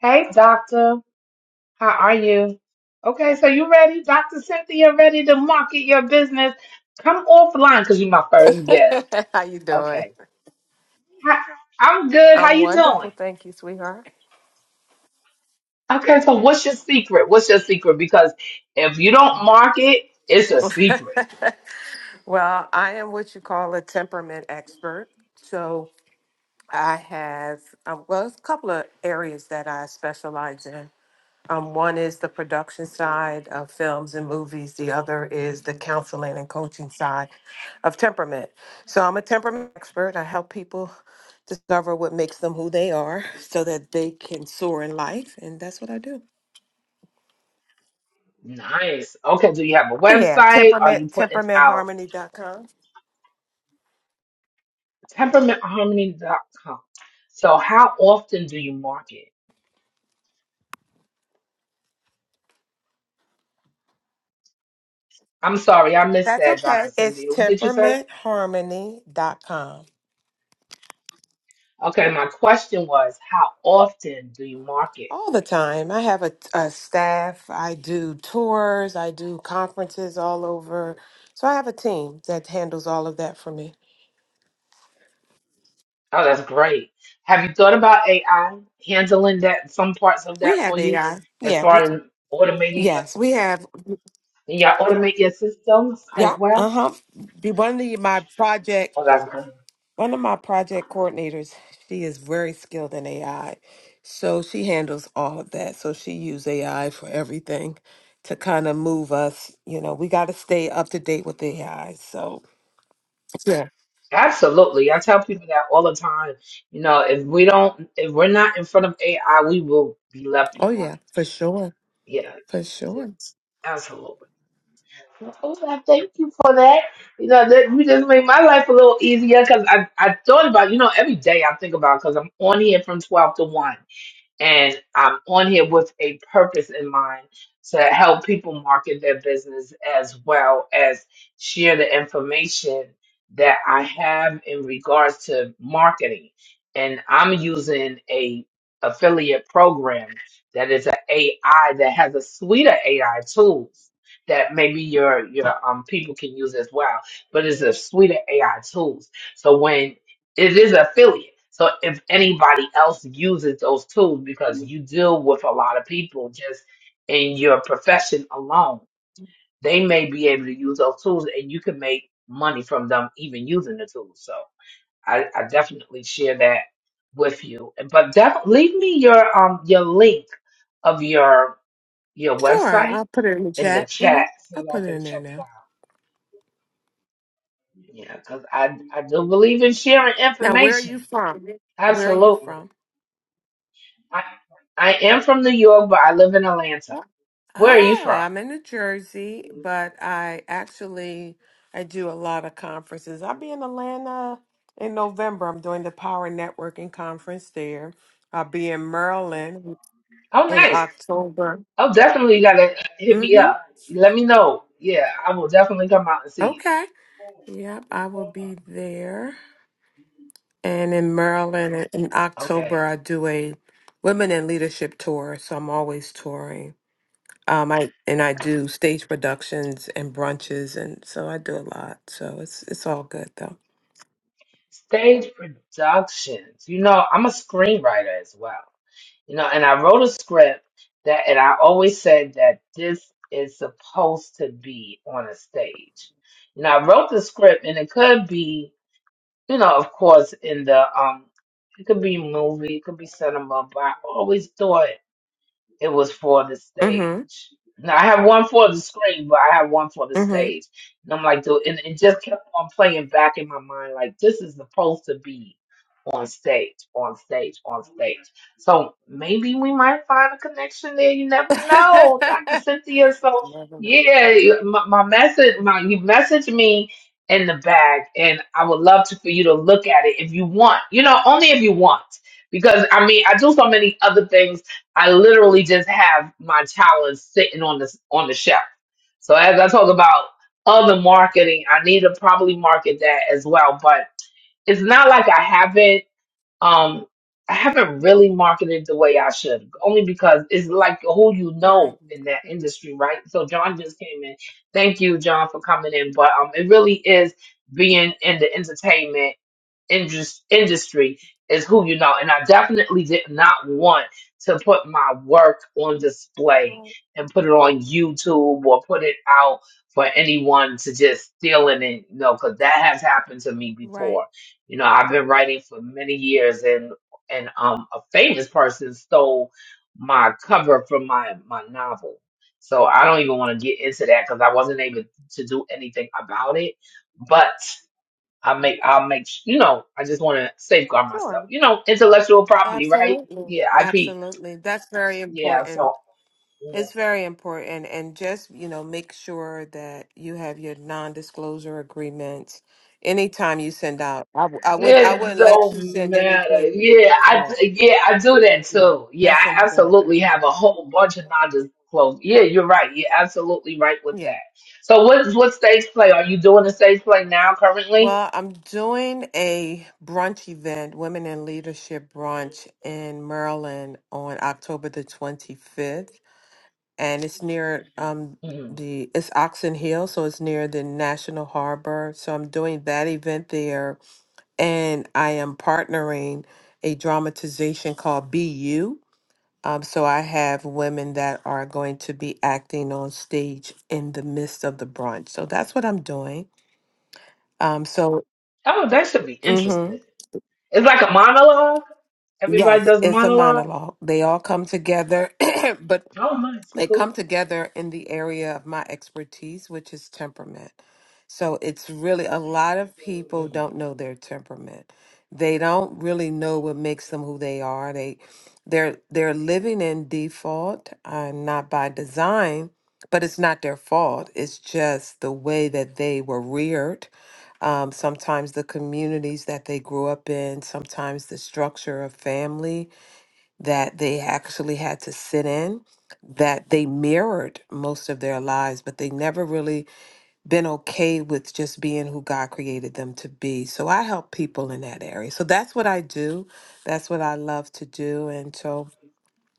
Hey, doctor. How are you? Okay, so you ready? Dr. Cynthia, ready to market your business? Come offline because you're my first guest. How you doing? Okay. Hi- I'm good. How I'm you doing? wonderful, thank you, sweetheart. Okay, so what's your secret? What's your secret? Because if you don't market, it's a secret. well, I am what you call a temperament expert. So I have um, well, it's a couple of areas that I specialize in. Um, one is the production side of films and movies. The other is the counseling and coaching side of temperament. So I'm a temperament expert. I help people discover what makes them who they are, so that they can soar in life, and that's what I do. Nice. Okay, do you have a Oh yeah, website? Are you temperament putting out temperamentharmony.com. temperamentharmony.com? So how often do you market? I'm sorry, I missed That's that, Dr. okay. It's Cynthia. What did you say? temperamentharmony.com. Okay, my question was, how often do you market? All the time. I have a, a staff. I do tours. I do conferences all over. So I have a team that handles all of that for me. Oh, that's great. Have you thought about AI handling that, some parts of We that have for you, AI. as Yeah. We, far as automating your, yes, we have. and y'all automate your systems Yeah. as well? Uh huh. One of the, my projects. Oh, that's good. One of my project coordinators, she is very skilled in AI. So she handles all of that. So she uses AI for everything to kind of move us. You know, we got to stay up to date with AI. So, yeah. Absolutely. I tell people that all the time. You know, if we don't, if we're not in front of AI, we will be left Oh, behind. yeah, for sure. Yeah, For sure. absolutely. Oh, thank you for that. You know, that you just made my life a little easier because I, I thought about, you know, every day I think about because I'm on here from 12 to 1 and I'm on here with a purpose in mind to help people market their business as well as share the information that I have in regards to marketing. And I'm using a affiliate program that is an AI that has a suite of AI tools that maybe your your um people can use as well. But it's a suite of AI tools. So when it is affiliate. So if anybody else uses those tools, because you deal with a lot of people just in your profession alone, they may be able to use those tools and you can make money from them even using the tools. So I, I definitely share that with you. But definitely leave me your um your link of your your Sure. website I'll put it in the in the chat. hmm chat so I'll I put it can in there check it now. out. Yeah, because I I do believe in sharing Now, where are information. you from? Where are you Absolutely. from? I I am from New York, but I live in Atlanta. Where are you Oh, from? I'm in New Jersey, but I actually I do a lot of conferences. I'll be in Atlanta in November. I'm doing the Power Networking Conference there. I'll be in Maryland Oh, in nice. October. Oh, definitely you gotta hit me Mm-hmm. up. Let me know. Yeah, I will definitely come out and see Okay. you. Yep, I will be there. And in Maryland in in October, Okay. I do a Women in Leadership tour, so I'm always touring. Um, I and I do stage productions and brunches, and so I do a lot. So it's it's all good though. Stage productions. You know, I'm a screenwriter as well. You know, and I wrote a script that, and I always said that this is supposed to be on a stage. You know, I wrote the script, and it could be. you know, of course, in the um, it could be movie, it could be cinema, but I always thought it was for the stage. Mm-hmm. Now I have one for the screen, but I have one for the Mm-hmm. stage. And I'm like, dude, and it just kept on playing back in my mind, like this is supposed to be on stage, on stage, on stage. So maybe we might find a connection there. You never know, Dr. Cynthia. So Lovely. yeah, you- my, my message, my you message me in the bag, and I would love to for you to look at it if you want. You know, only if you want, because I mean, I do so many other things I literally just have my talents sitting on this on the shelf. So as I talk about other marketing, I need to probably market that as well. But it's not like I haven't um I haven't really marketed the way I should, only because it's like who you right. know in that industry, right? So John just came in. Thank you, John, for coming in. But um it really is being in the entertainment indus- industry is who you know. And I definitely did not want to put my work on display Right. and put it on YouTube or put it out for anyone to just steal it. And, you know, because that has happened to me Right. before. You know, I've been writing for many years and, and um, a famous person stole my cover from my, my novel. So I don't even want to get into that because I wasn't able to do anything about it. But I make I'll make s- you know, I just wanna safeguard myself. Sure. You know, intellectual property, right? Absolutely. Yeah, IP. Absolutely. That's very Yeah, important. so yeah. It's very important. And just, you know, make sure that you have your non-disclosure agreements. Anytime you send out, I, w- I would I It wouldn't let you don't send matter. anything. Yeah, I Yeah, yeah, I do that yeah. too. Yeah, That's I absolutely important. have a whole bunch of non-disclosed. Yeah, you're right. You're absolutely right with Yeah. that. So what what stage play are you doing? The stage play now currently? Well, I'm doing a brunch event, Women in Leadership Brunch in Maryland on October the 25th. And it's near um Mhm. the it's Oxon Hill, so it's near the National Harbor. So I'm doing that event there and I am partnering a dramatization called Be You. Um, so I have women that are going to be acting on stage in the midst of the brunch. So that's what I'm doing. Um, so, Oh, that should be hmm interesting. It's like a monologue. Everybody yes, does a it's a monologue. monologue. They all come together, but Oh, nice, they cool. come together in the area of my expertise, which is temperament. So it's really a lot of people don't Mhm. know their temperament. They don't really know what makes them who they are. They they're they're living in default, uh, not by design, but it's not their fault. It's just the way that they were reared. Um, sometimes the communities that they grew up in, sometimes the structure of family, that they actually had to sit in that they mirrored most of their lives but they never really been okay with just being who God created them to be. So I help people in that area. So that's what I do. That's what I love to do and so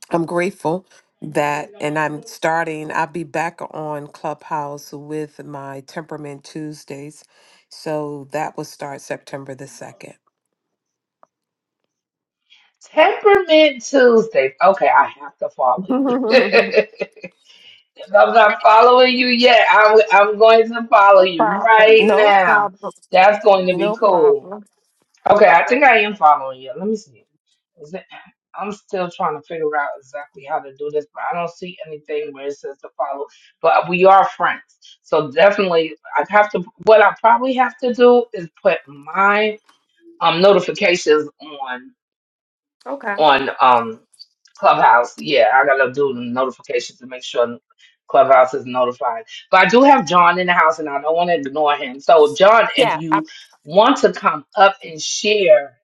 I'm grateful that and I'm starting I'll be back on Clubhouse with my Temperament Tuesdays. So that will start September the 2nd. Temperament Tuesdays. Okay, I have to follow you. If I'm not following you yet. I'm, I'm going to follow you Problem. right No now. problem. That's going to be No cool. problem. Okay, I think I am following you. Let me see. Is it, I'm still trying to figure out exactly how to do this, but I don't see anything where it says to follow. But we are friends. So definitely, I have to, what I probably have to do is put my um, notifications on Okay. on um Clubhouse. Yeah, I gotta do the notifications to make sure Clubhouse is notified. But I do have John in the house, and I don't want to ignore him. So, John, if Yeah, I, you want to come up and share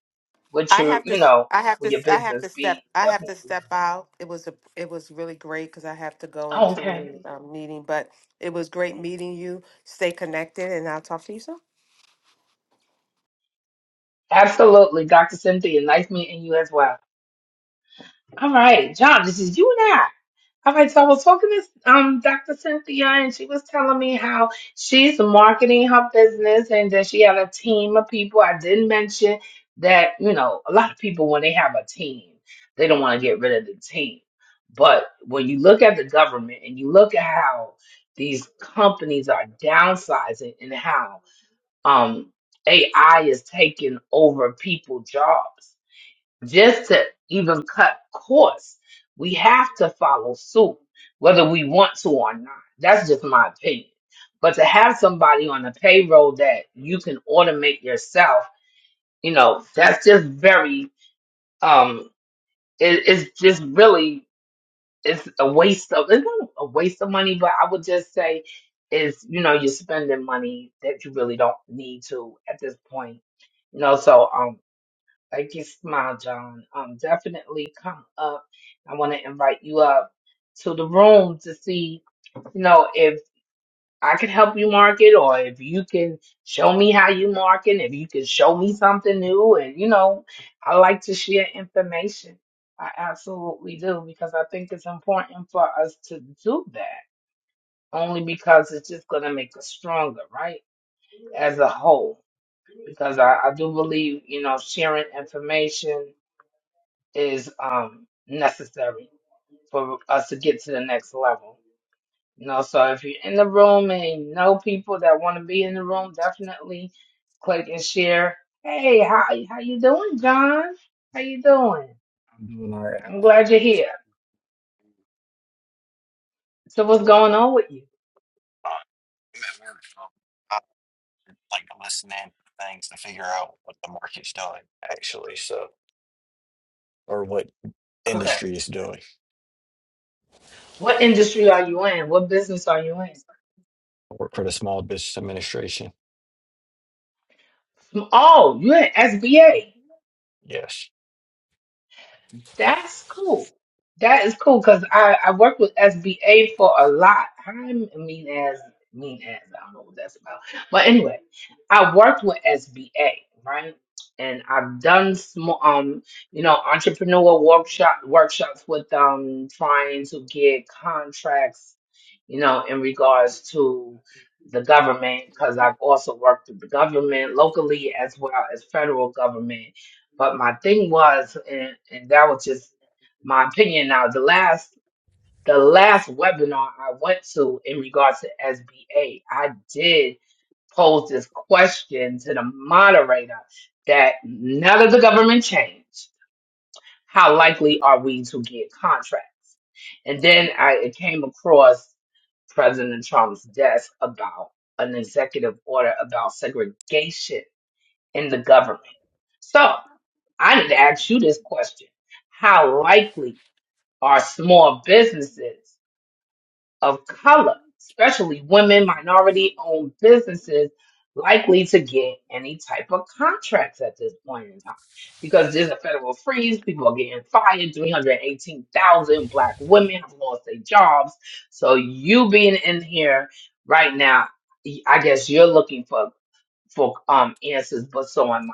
what I your, have to. you s- know, I have to. with your s- I have business, to step. be I have to definitely do step out. It was a. It was really great because I have to go that. into Okay, a um, meeting. But it was great meeting you. Stay connected, and I'll talk to you soon. absolutely, Dr. Cynthia. Nice meeting you as well. All right, John, this is you All right, so I was talking to um, Dr. Cynthia, and she was telling me how she's marketing her business and that she had a team of people. I didn't mention that, you know, a lot of people, when they have a team, they don't want to get rid of the team. But when you look at the government and you look at how these companies are downsizing and how um, AI is taking over people's jobs, just to even cut costs, we have to follow suit, whether we want to or not. That's just my opinion. But to have somebody on the payroll that you can automate yourself, you know, that's just very, um, it, it's just really, it's a waste of, it's not a waste of money, but I would just say is, you know, you're spending money that you really don't need to at this point. You know, so, um, Thank you, Smile John. Um, definitely come up. I want to invite you up to the room to see, you know, if I can help you market or if you can show me how you market, if you can show me something new. And, you know, I like to share information. I absolutely do because I think it's important for us to do that only because it's just going to make us stronger, right? As a whole. Because I, I do believe, you know, sharing information is um, necessary for us to get to the next level. You know, so if you're in the room and you know people that want to be in the room, definitely click and share. Hey, how how you doing, John? How you doing? I'm doing all right. I'm Uh, glad you're here. So what's going on with you? I'm at work, so I like to listen in to things to figure out what the market's doing, actually. So, or what Okay. industry is doing. What industry are you in? What business are you in? I work for the Small Business Administration. Oh, you're in SBA. Yes. That's cool. That is cool because I, I worked with SBA for a lot. i mean as mean as I don't know what that's about. But anyway, I worked with SBA, right? And I've done small um, you know, entrepreneur workshop workshops with um trying to get contracts, you know, in regards to the government, because I've also worked with the government locally as well as federal government but my thing was, and, and that was just my opinion. Now, the last the last webinar I went to in regards to SBA, I did pose this question to the moderator that now that the government changed, how likely are we to get contracts? And then I it came across President Trump's desk about an executive order about segregation in the government. So. I need to ask you this question. How likely are small businesses of color, especially women, minority owned businesses, likely to get any type of contracts at this point in time? Because there's a federal freeze, people are getting fired, 318,000 black women have lost their jobs. So you being in here right now, I guess you're looking for for um answers, but so am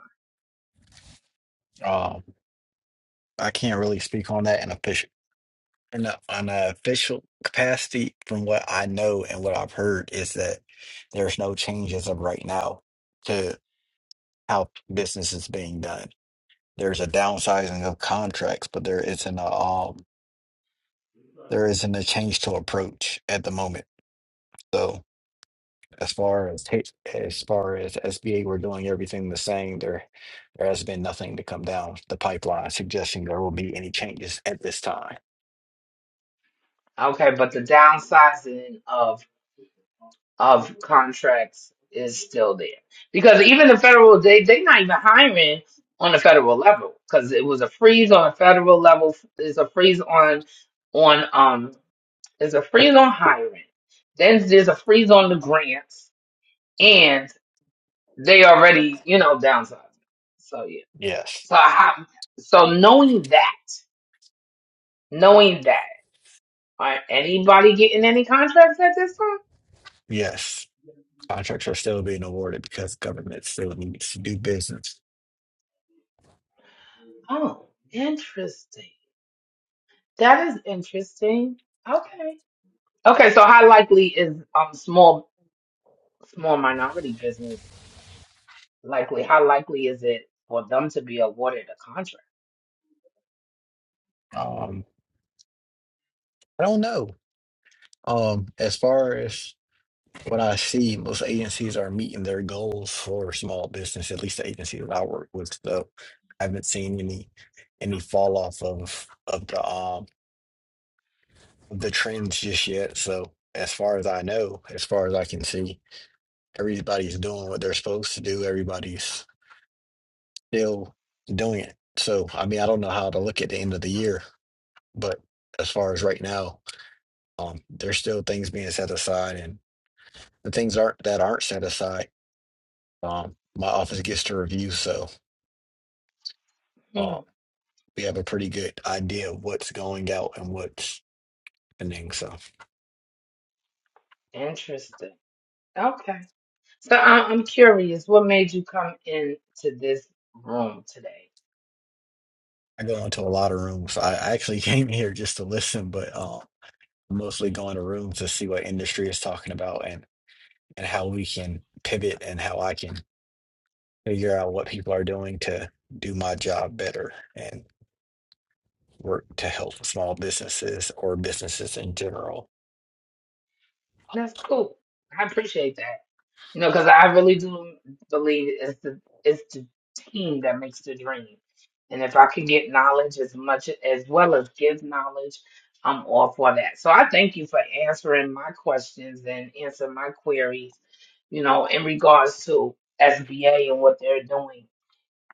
Um, I can't really speak on that in official in a, on an official capacity. From what I know and what I've heard is that there's no changes of right now to how business is being done. There's a downsizing of contracts, but there isn't a um there isn't a change to approach at the moment. So as far as H- as far as SBA, we're doing everything the same. There there has been nothing to come down the pipeline suggesting there will be any changes at this time. I. Okay, but the downsizing of of contracts is still there because even the federal they they not even hiring on the federal level because it was a freeze on the federal level there's a freeze on on um there's a freeze on hiring then there's a freeze on the grants and they already you know downsizing so yeah Yes, so I, so knowing that knowing that are anybody getting any contracts at this time yes, contracts are still being awarded because government still needs to do business. oh interesting That is interesting. Okay. Okay, so how likely is um small small minority business likely? How likely is it for them to be awarded a contract? Um, I don't know. Um, as far as What I see, most agencies are meeting their goals for small business, at least the agencies that I work with. So I haven't seen any any fall off of of the um the trends just yet. So as far as I know, as far as I can see, everybody's doing what they're supposed to do. Everybody's still doing it. So I mean, I don't know how to look at the end of the year, but as far as right now, um, there's still things being set aside, and the things aren't that aren't set aside. Um, my office gets to review, so um, Hmm. we have a pretty good idea of what's going out and what's happening. So Interesting. Okay. So I- I'm curious, what made you come into this room today? I go into a lot of rooms. I I actually came here just to listen, but um, mostly go into rooms to see what industry is talking about and and how we can pivot and how I can figure out what people are doing to do my job better and work to help small businesses or businesses in general. That's cool. I appreciate that. You know, because I really do believe it's the it's the team that makes the dream. And if I could get knowledge as much as well as give knowledge, I'm all for that. So I thank you for answering my questions and answering my queries, you know, in regards to SBA and what they're doing.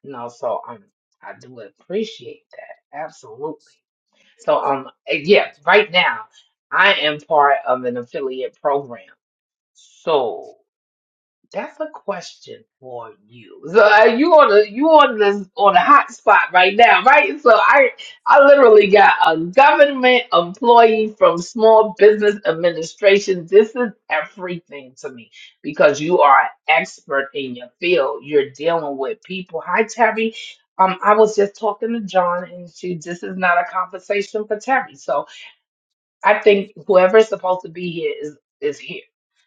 You know, so um I do appreciate that. Absolutely. So um yeah, right now I am part of an affiliate program. So that's a question for you. So uh, you on the you on this on a hot spot right now, right? So I I literally got a government employee from Small Business Administration. This is everything to me because you are an expert in your field. You're dealing with people. Hi, Terry. Um, I was just talking to John, and she. This is not a conversation for Terry. So I think whoever's supposed to be here is is here.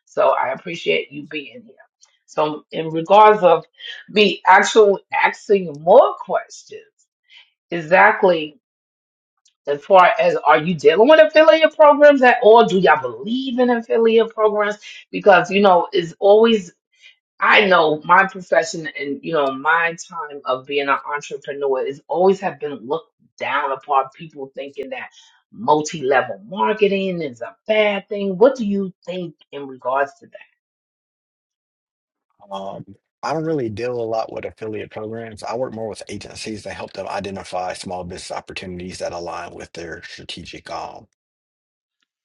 So I appreciate you being here. So in regards of be actual asking more questions, exactly as far as are you dealing with affiliate programs at all? Do y'all believe in affiliate programs? Because you know, it's always I know my profession and you know my time of being an entrepreneur is always have been looked down upon. People thinking that multi-level marketing is a bad thing. What do you think in regards to that? Um, I don't really deal a lot with affiliate programs. I work more with agencies to help them identify small business opportunities that align with their strategic um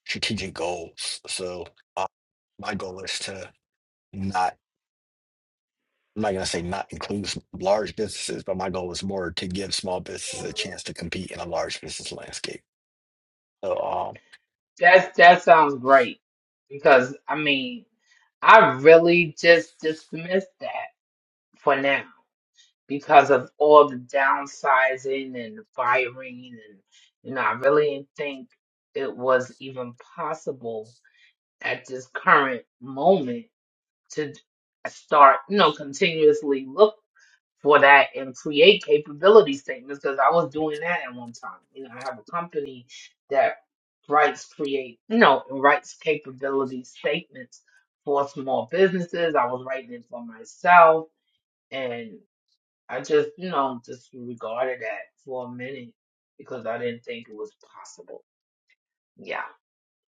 strategic goals. So uh, my goal is to not I'm not gonna say not include s- large businesses, but my goal is more to give small businesses a chance to compete in a large business landscape. So um, That's that sounds great because I mean I really just dismissed that for now because of all the downsizing and the firing and you know I really didn't think it was even possible at this current moment to start, you know, continuously look for that and create capability statements because I was doing that at one time. You know, I have a company that writes create, you know, writes capability statements for small businesses. I was writing it for myself and I just, you know, disregarded that for a minute because I didn't think it was possible. Yeah.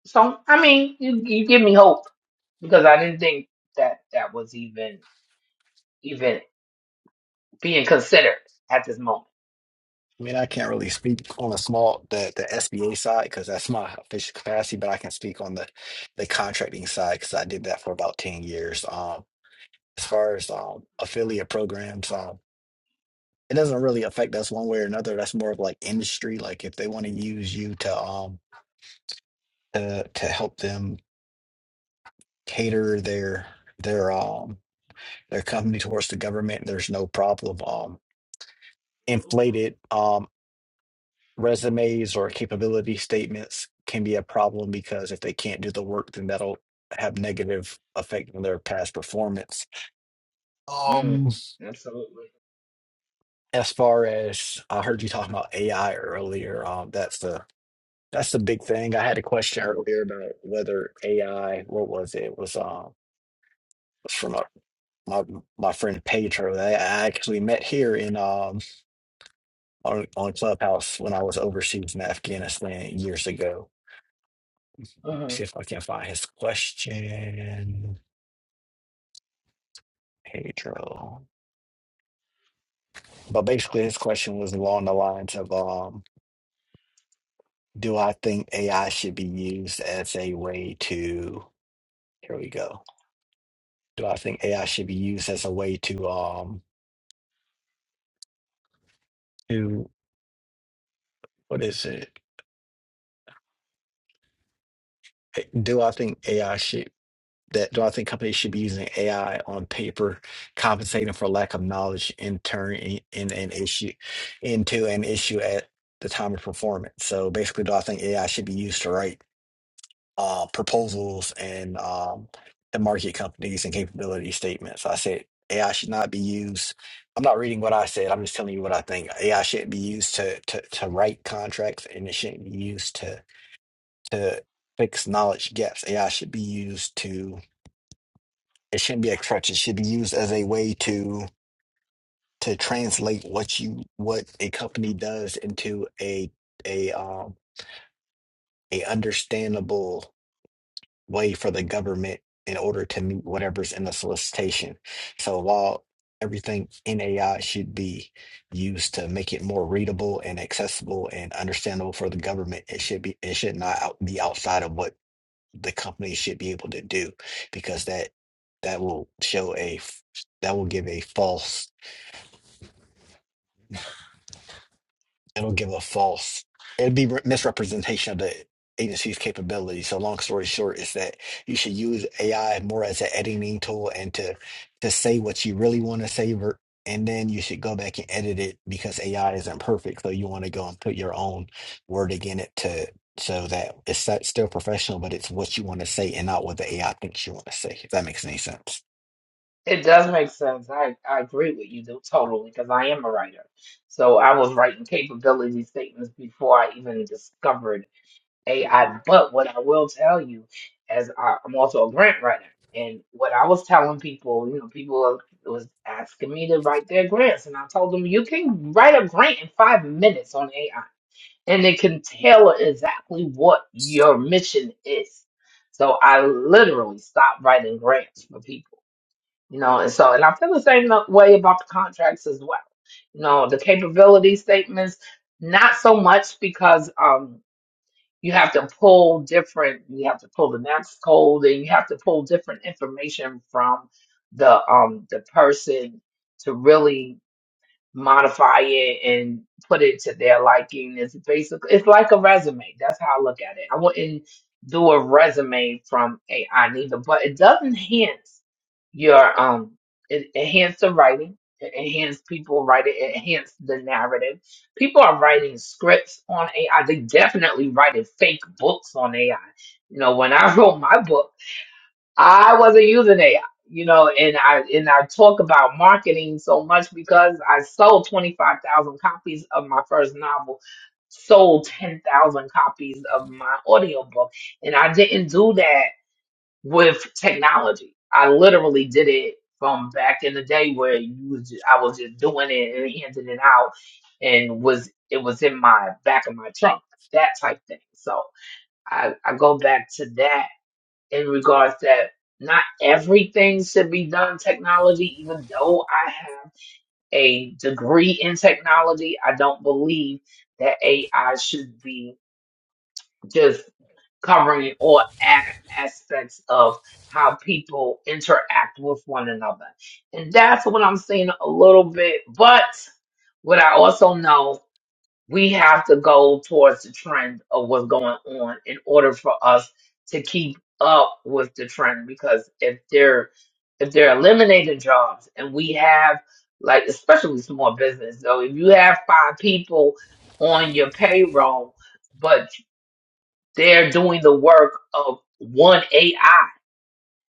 So, I mean, you, you give me hope because I didn't think that that was even even being considered at this moment. I mean, I can't really speak on the small the the SBA side because that's my official capacity, but I can speak on the the contracting side because I did that for about 10 years. Um, as far as um, affiliate programs. Um, it doesn't really affect us one way or another. That's more of like industry. Like if they want to use you to um to to help them cater their their um their company towards the government, there's no problem. Um, inflated um resumes or capability statements can be a problem because if they can't do the work, then that'll have negative effect on their past performance. Mm, Um, absolutely. as far as I heard you talking about AI earlier, um, that's the That's the big thing. I had a question earlier about whether AI, what was it? It was um was from a, my my friend Pedro that I actually met here in um on, on Clubhouse when I was overseas in Afghanistan years ago. Let's hmm see if I can find his question. Pedro. But basically his question was along the lines of um do I think AI should be used as a way to here we go. Do I think AI should be used as a way to um to what is it? Do I think AI should that do I think companies should be using AI on paper, compensating for lack of knowledge and turning in an issue into an issue at the time of performance? So basically, do I think AI should be used to write uh, proposals and um, the market companies and capability statements? I said AI should not be used. I'm not reading what I said. I'm just telling you what I think. AI shouldn't be used to to, to write contracts, and it shouldn't be used to to fix knowledge gaps. AI should be used to it shouldn't be a crutch. It should be used as a way to to translate what you what a company does into a a um a understandable way for the government in order to meet whatever's in the solicitation. So while everything in AI should be used to make it more readable and accessible and understandable for the government, it should be it should not out, be outside of what the company should be able to do because that that will show a f- that will give a false it'll give a false it'll be re- misrepresentation of the agency's capability so long story short is that you should use ai more as an editing tool and to to say what you really want to say ver- and then you should go back and edit it because ai isn't perfect so you want to go and put your own word again it to so that it's sti- still professional but it's what you want to say and not what the ai thinks you want to say if that makes any sense It does make sense. I, I agree with you though, totally because I am a writer. So I was writing capability statements before I even discovered AI. But what I will tell you, as I, I'm also a grant writer, and what I was telling people, you know, people was asking me to write their grants, and I told them you can write a grant in five minutes on AI and it can tailor exactly what your mission is. So I literally stopped writing grants for people, you know, and so, and I feel the same no- way about the contracts as well. You know, the capability statements, not so much because, um, you have to pull different, you have to pull the next code and you have to pull different information from the, um, the person to really modify it and put it to their liking. It's basically it's like a resume. That's how I look at it. I wouldn't do a resume from AI neither, but it does enhance your um it enhance the writing. It enhance people writing, it enhance the narrative. People are writing scripts on AI. They definitely writing fake books on AI. You know, when I wrote my book. I wasn't using AI, you know, and I and I talk about marketing so much because I sold 25,000 copies of my first novel, sold 10,000 copies of my audiobook, and I didn't do that with technology. I literally did it from back in the day where you was ju- I was just doing it and handing it out and was it was in my back of my trunk, that type thing. So I, I go back to that in regards that not everything should be done technology, even though I have a degree in technology, I don't believe that AI should be just covering all a- aspects of how people interact with one another. And that's what I'm seeing a little bit. But what I also know we have to go towards the trend of what's going on in order for us to keep up with the trend because if they're if they're eliminating jobs and we have like especially small business so if you have five people on your payroll but they're doing the work of one AI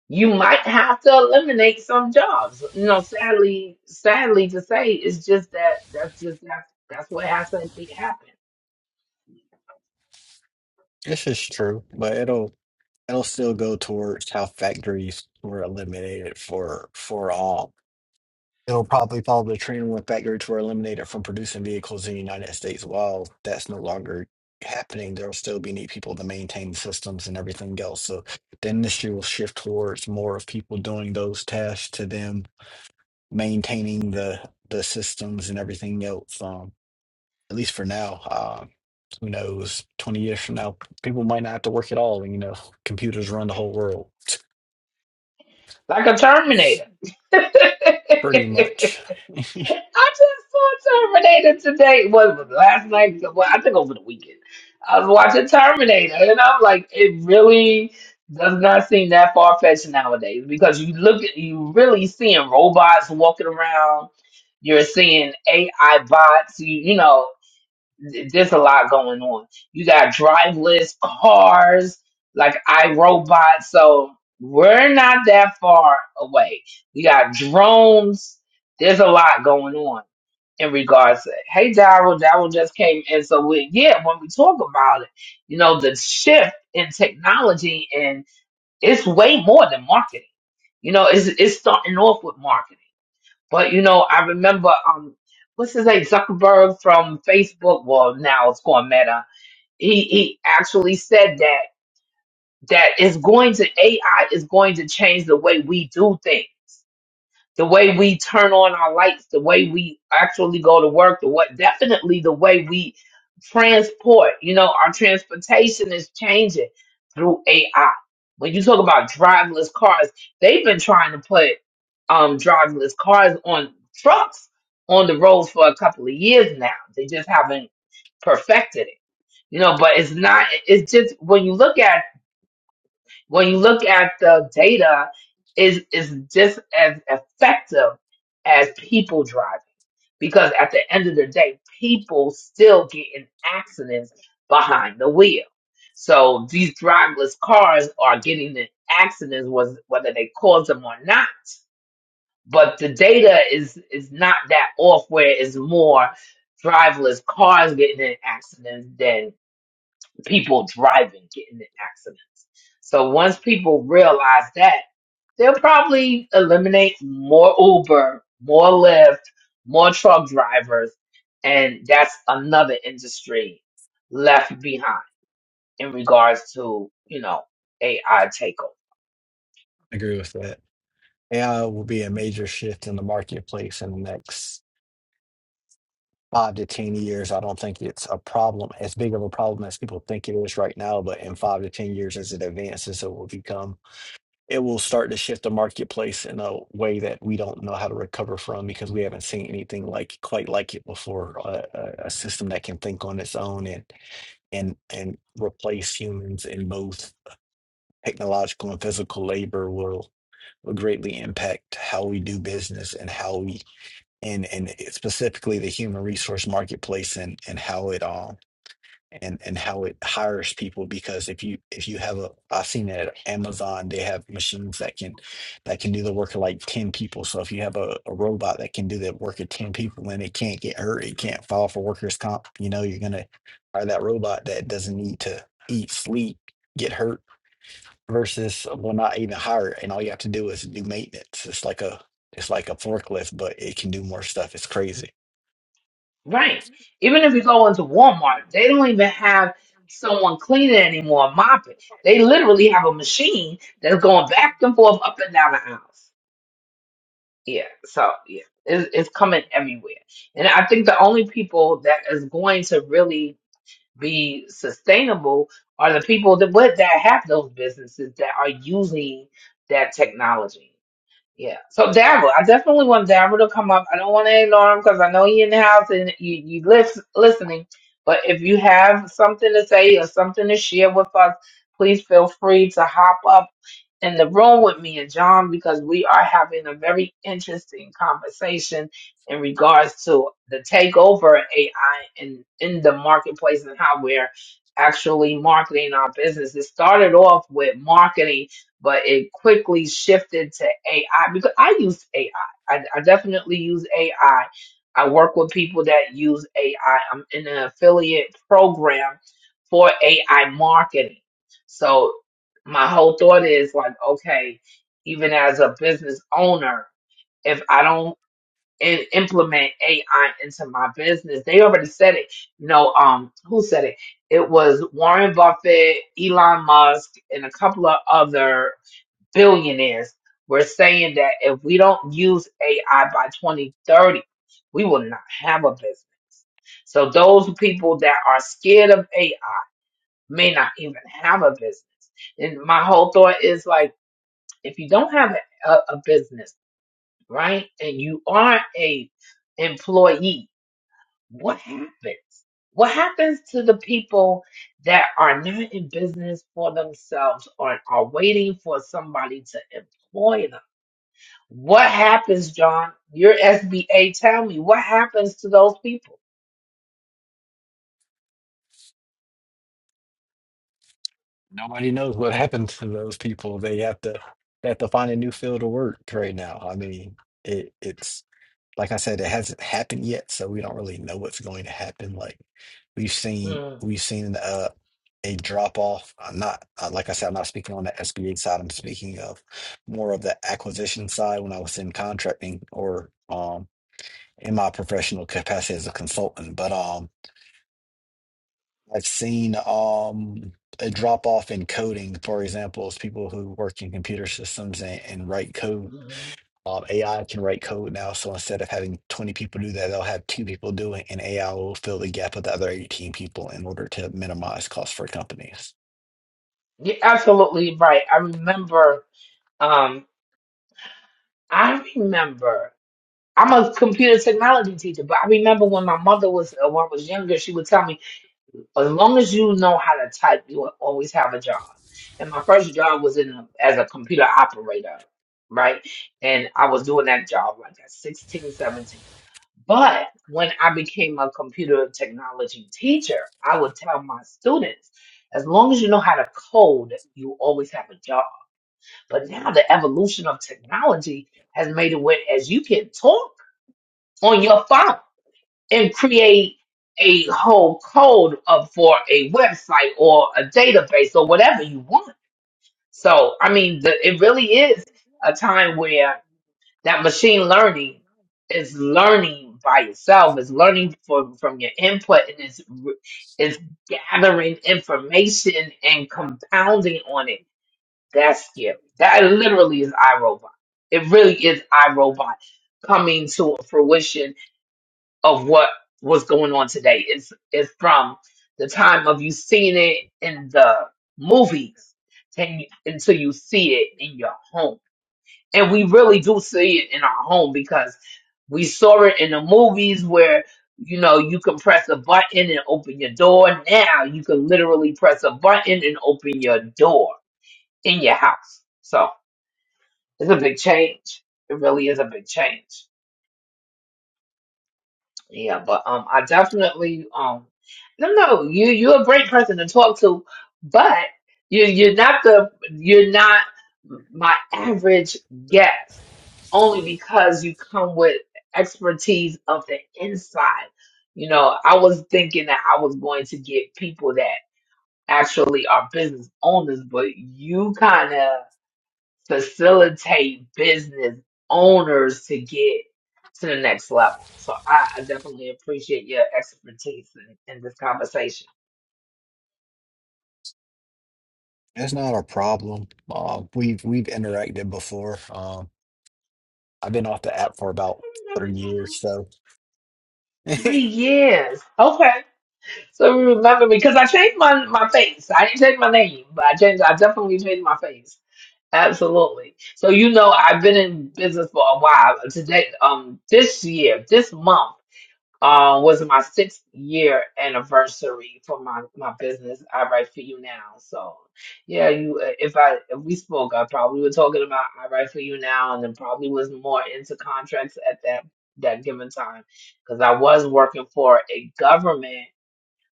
you might have to eliminate some jobs you know sadly sadly to say it's just that that's just that's, that's what has to be happening This is true, but it'll it'll still go towards how factories were eliminated for for all. It'll probably follow the trend when factories were eliminated from producing vehicles in the United States. While that's no longer happening, there'll still be need people to maintain systems and everything else. So the industry will shift towards more of people doing those tasks to them maintaining the the systems and everything else. Um, at least for now. Um, who knows? Twenty years from now, people might not have to work at all. and You know, computers run the whole world. Like a Terminator. I Pretty much, just saw Terminator today. What was it, last night? Well, I think over the weekend. I was watching Terminator, and I'm like, it really does not seem that far fetched nowadays because you look at you really seeing robots walking around. You're seeing AI bots. You you know th- there's a lot going on. You got driveless cars, like iRobot. So we're not that far away. We got drones. There's a lot going on in regards to. Hey, Daryl, Daryl just came in. So we, yeah, when we talk about it, you know, the shift in technology and it's way more than marketing. You know, it's it's starting off with marketing. But you know, I remember um, what's his name, Zuckerberg from Facebook. Well, now it's called Meta. He he actually said that that is going to AI is going to change the way we do things the way we turn on our lights, the way we actually go to work, the what definitely the way we transport, you know, our transportation is changing through AI. When you talk about driverless cars, they've been trying to put um driverless cars on trucks on the roads for a couple of years now. They just haven't perfected it. You know, but it's not it's just when you look at it when you look at the data, is is just as effective as people driving because at the end of the day, people still get in accidents behind the wheel. So these driverless cars are getting in accidents, was whether they cause them or not. But the data is is not that off where it's more driverless cars getting in accidents than people driving, getting in accidents. So once people realize that, they'll probably eliminate more Uber, more Lyft, more truck drivers, and that's another industry left behind in regards to, you know, AI takeover. I agree with that. AI will be a major shift in the marketplace in the next five to ten years. I don't think it's a problem as big of a problem as people think it is right now. But in five to ten years, as it advances, it will become. it will start to shift the marketplace in a way that we don't know how to recover from because we haven't seen anything like quite like it before. A, a, a system that can think on its own and and and replace humans in both technological and physical labor will will greatly impact how we do business and how we and and specifically the human resource marketplace and and how it um and and how it hires people because if you if you have a I've seen it at Amazon they have machines that can that can do the work of like 10 people so if you have a, a robot that can do the work of 10 people and it can't get hurt it can't file for workers comp you know you're gonna hire that robot that doesn't need to eat sleep get hurt versus uh, well not even hire it, and all you have to do is do maintenance it's like a it's like a forklift but it can do more stuff it's crazy Right. Even if you go into Walmart, they don't even have someone cleaning anymore, mopping. They literally have a machine that's going back and forth up and down the aisles. Yeah, so yeah, it's, it's coming everywhere. And I think the only people that is going to really be sustainable are the people that what that have those businesses that are using that technology. Yeah. So Dabble, I definitely want Dabble to come up. I don't want to ignore him because I know he in the house and you you lis- listening. But if you have something to say or something to share with us, please feel free to hop up in the room with me and John because we are having a very interesting conversation in regards to the takeover of AI in, in the marketplace and how we're actually marketing our business. It started off with marketing, but it quickly shifted to AI because I use AI. I I, I definitely use AI. I I work with people that use AI. I'm in an affiliate program for AI marketing. So my whole thought is like, okay, even as a business owner, if I don't in, implement AI into my business, they already said it. You know, um, who said it? It was Warren Buffett, Elon Musk, and a couple of other billionaires were saying that if we don't use AI by 2030, we will not have a business. So those people that are scared of AI may not even have a business. And my whole thought is like, if you don't have a, a business, right, and you are a employee, what happens? What happens to the people that are not in business for themselves or are waiting for somebody to employ them? What happens, John? Your SBA, tell me what happens to those people. Nobody knows what happened to those people. They have to they have to find a new field of work right now. I mean, it it's like I said, it hasn't happened yet, so we don't really know what's going to happen. Like we've seen Mm, we've seen uh a drop off. I'm not uh, like I said, I'm not speaking on the SBA side. I'm speaking of more of the acquisition side when I was in contracting or um in my professional capacity as a consultant. But um I've seen um, a drop off in coding, for example, is people who work in computer systems and, and write code. mm. Um, AI can write code now, so instead of having 20 people do that, they'll have two people do it, and AI will fill the gap with the other 18 people in order to minimize costs for companies. You're absolutely right. I remember. Um, I remember. I'm a computer technology teacher, but I remember when my mother was, uh, when I was younger, she would tell me, as long as you know how to type, you will always have a job. And my first job was in a, as a computer operator, right? And I was doing that job like at 16, 17. But when I became a computer technology teacher, I would tell my students, as long as you know how to code, you always have a job but now the evolution of technology has made it where as you can talk on your phone and create a whole code of for a website or a database or whatever you want. So I mean, the, it really is a time where that machine learning is learning by itself, is learning from from your input, and is is gathering information and compounding on it that's scary. That literally is iRobot. It really is iRobot coming to a fruition of what was going on today. It's it's from the time of you seeing it in the movies and until you see it in your home. And we really do see it in our home because we saw it in the movies where you know you can press a button and open your door. Now you can literally press a button and open your door in your house. So it's a big change. It really is a big change. Yeah, but um, I definitely um, no, no, you you're a great person to talk to, but you you're not the you're not my average guest only because you come with expertise of the inside. You know, I was thinking that I was going to get people that actually are business owners, but you kind of facilitate business owners to get to the next level. So I, I definitely appreciate your expertise in, in this conversation. It's not a problem. Uh, we've we've interacted before. Um, I've been off the app for about I remember three years, John. so Three years. Okay. So you remember me because I changed my my face. I didn't change my name, but I changed I definitely changed my face. Absolutely. So you know I've been in business for a while. Today um this year, this month. um, was my sixth year anniversary for my, my business. I write for you now. So yeah, you if I if we spoke, I probably were talking about I write for you now, and then probably was more into contracts at that that given time because I was working for a government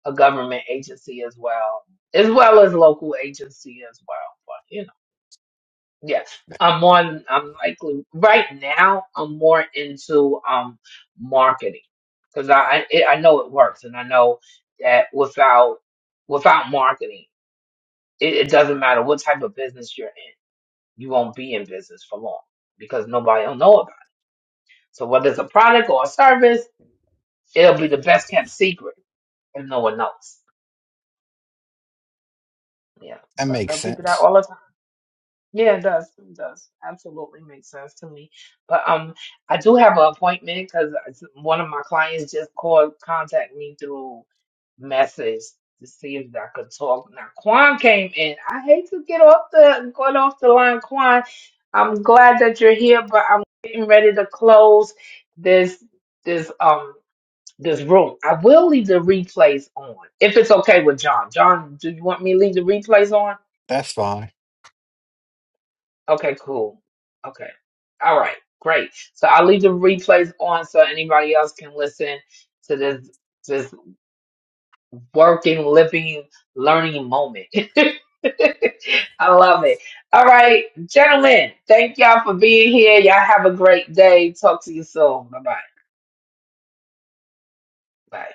a government agency as well as well as local agency as well. Yes, I'm on. I'm likely right now. I'm more into um marketing because I I it- I know it works, and I know that without without marketing, it, it doesn't matter what type of business you're in, you won't be in business for long because nobody will know about it. So whether it's a product or a service, it'll be the best kept secret, and no one knows. Yeah, that so I tell makes people that sense. all the time. Yeah, it does. It does. Absolutely makes sense to me. But um, I do have an appointment because one of my clients just called, contact me through message to see if I could talk. Now, Quan came in. I hate to get off the get off the line, Quan. I'm glad that you're here, but I'm getting ready to close this this um this room. I will leave the replays on if it's okay with John. John, do you want me to leave the replays on? That's fine. Okay, cool. Okay. All right. Great. So I'll leave the replays on so anybody else can listen to this this working, living, learning moment. I love it. All right, gentlemen, thank y'all for being here. Y'all have a great day. Talk to you soon. Bye-bye. Bye.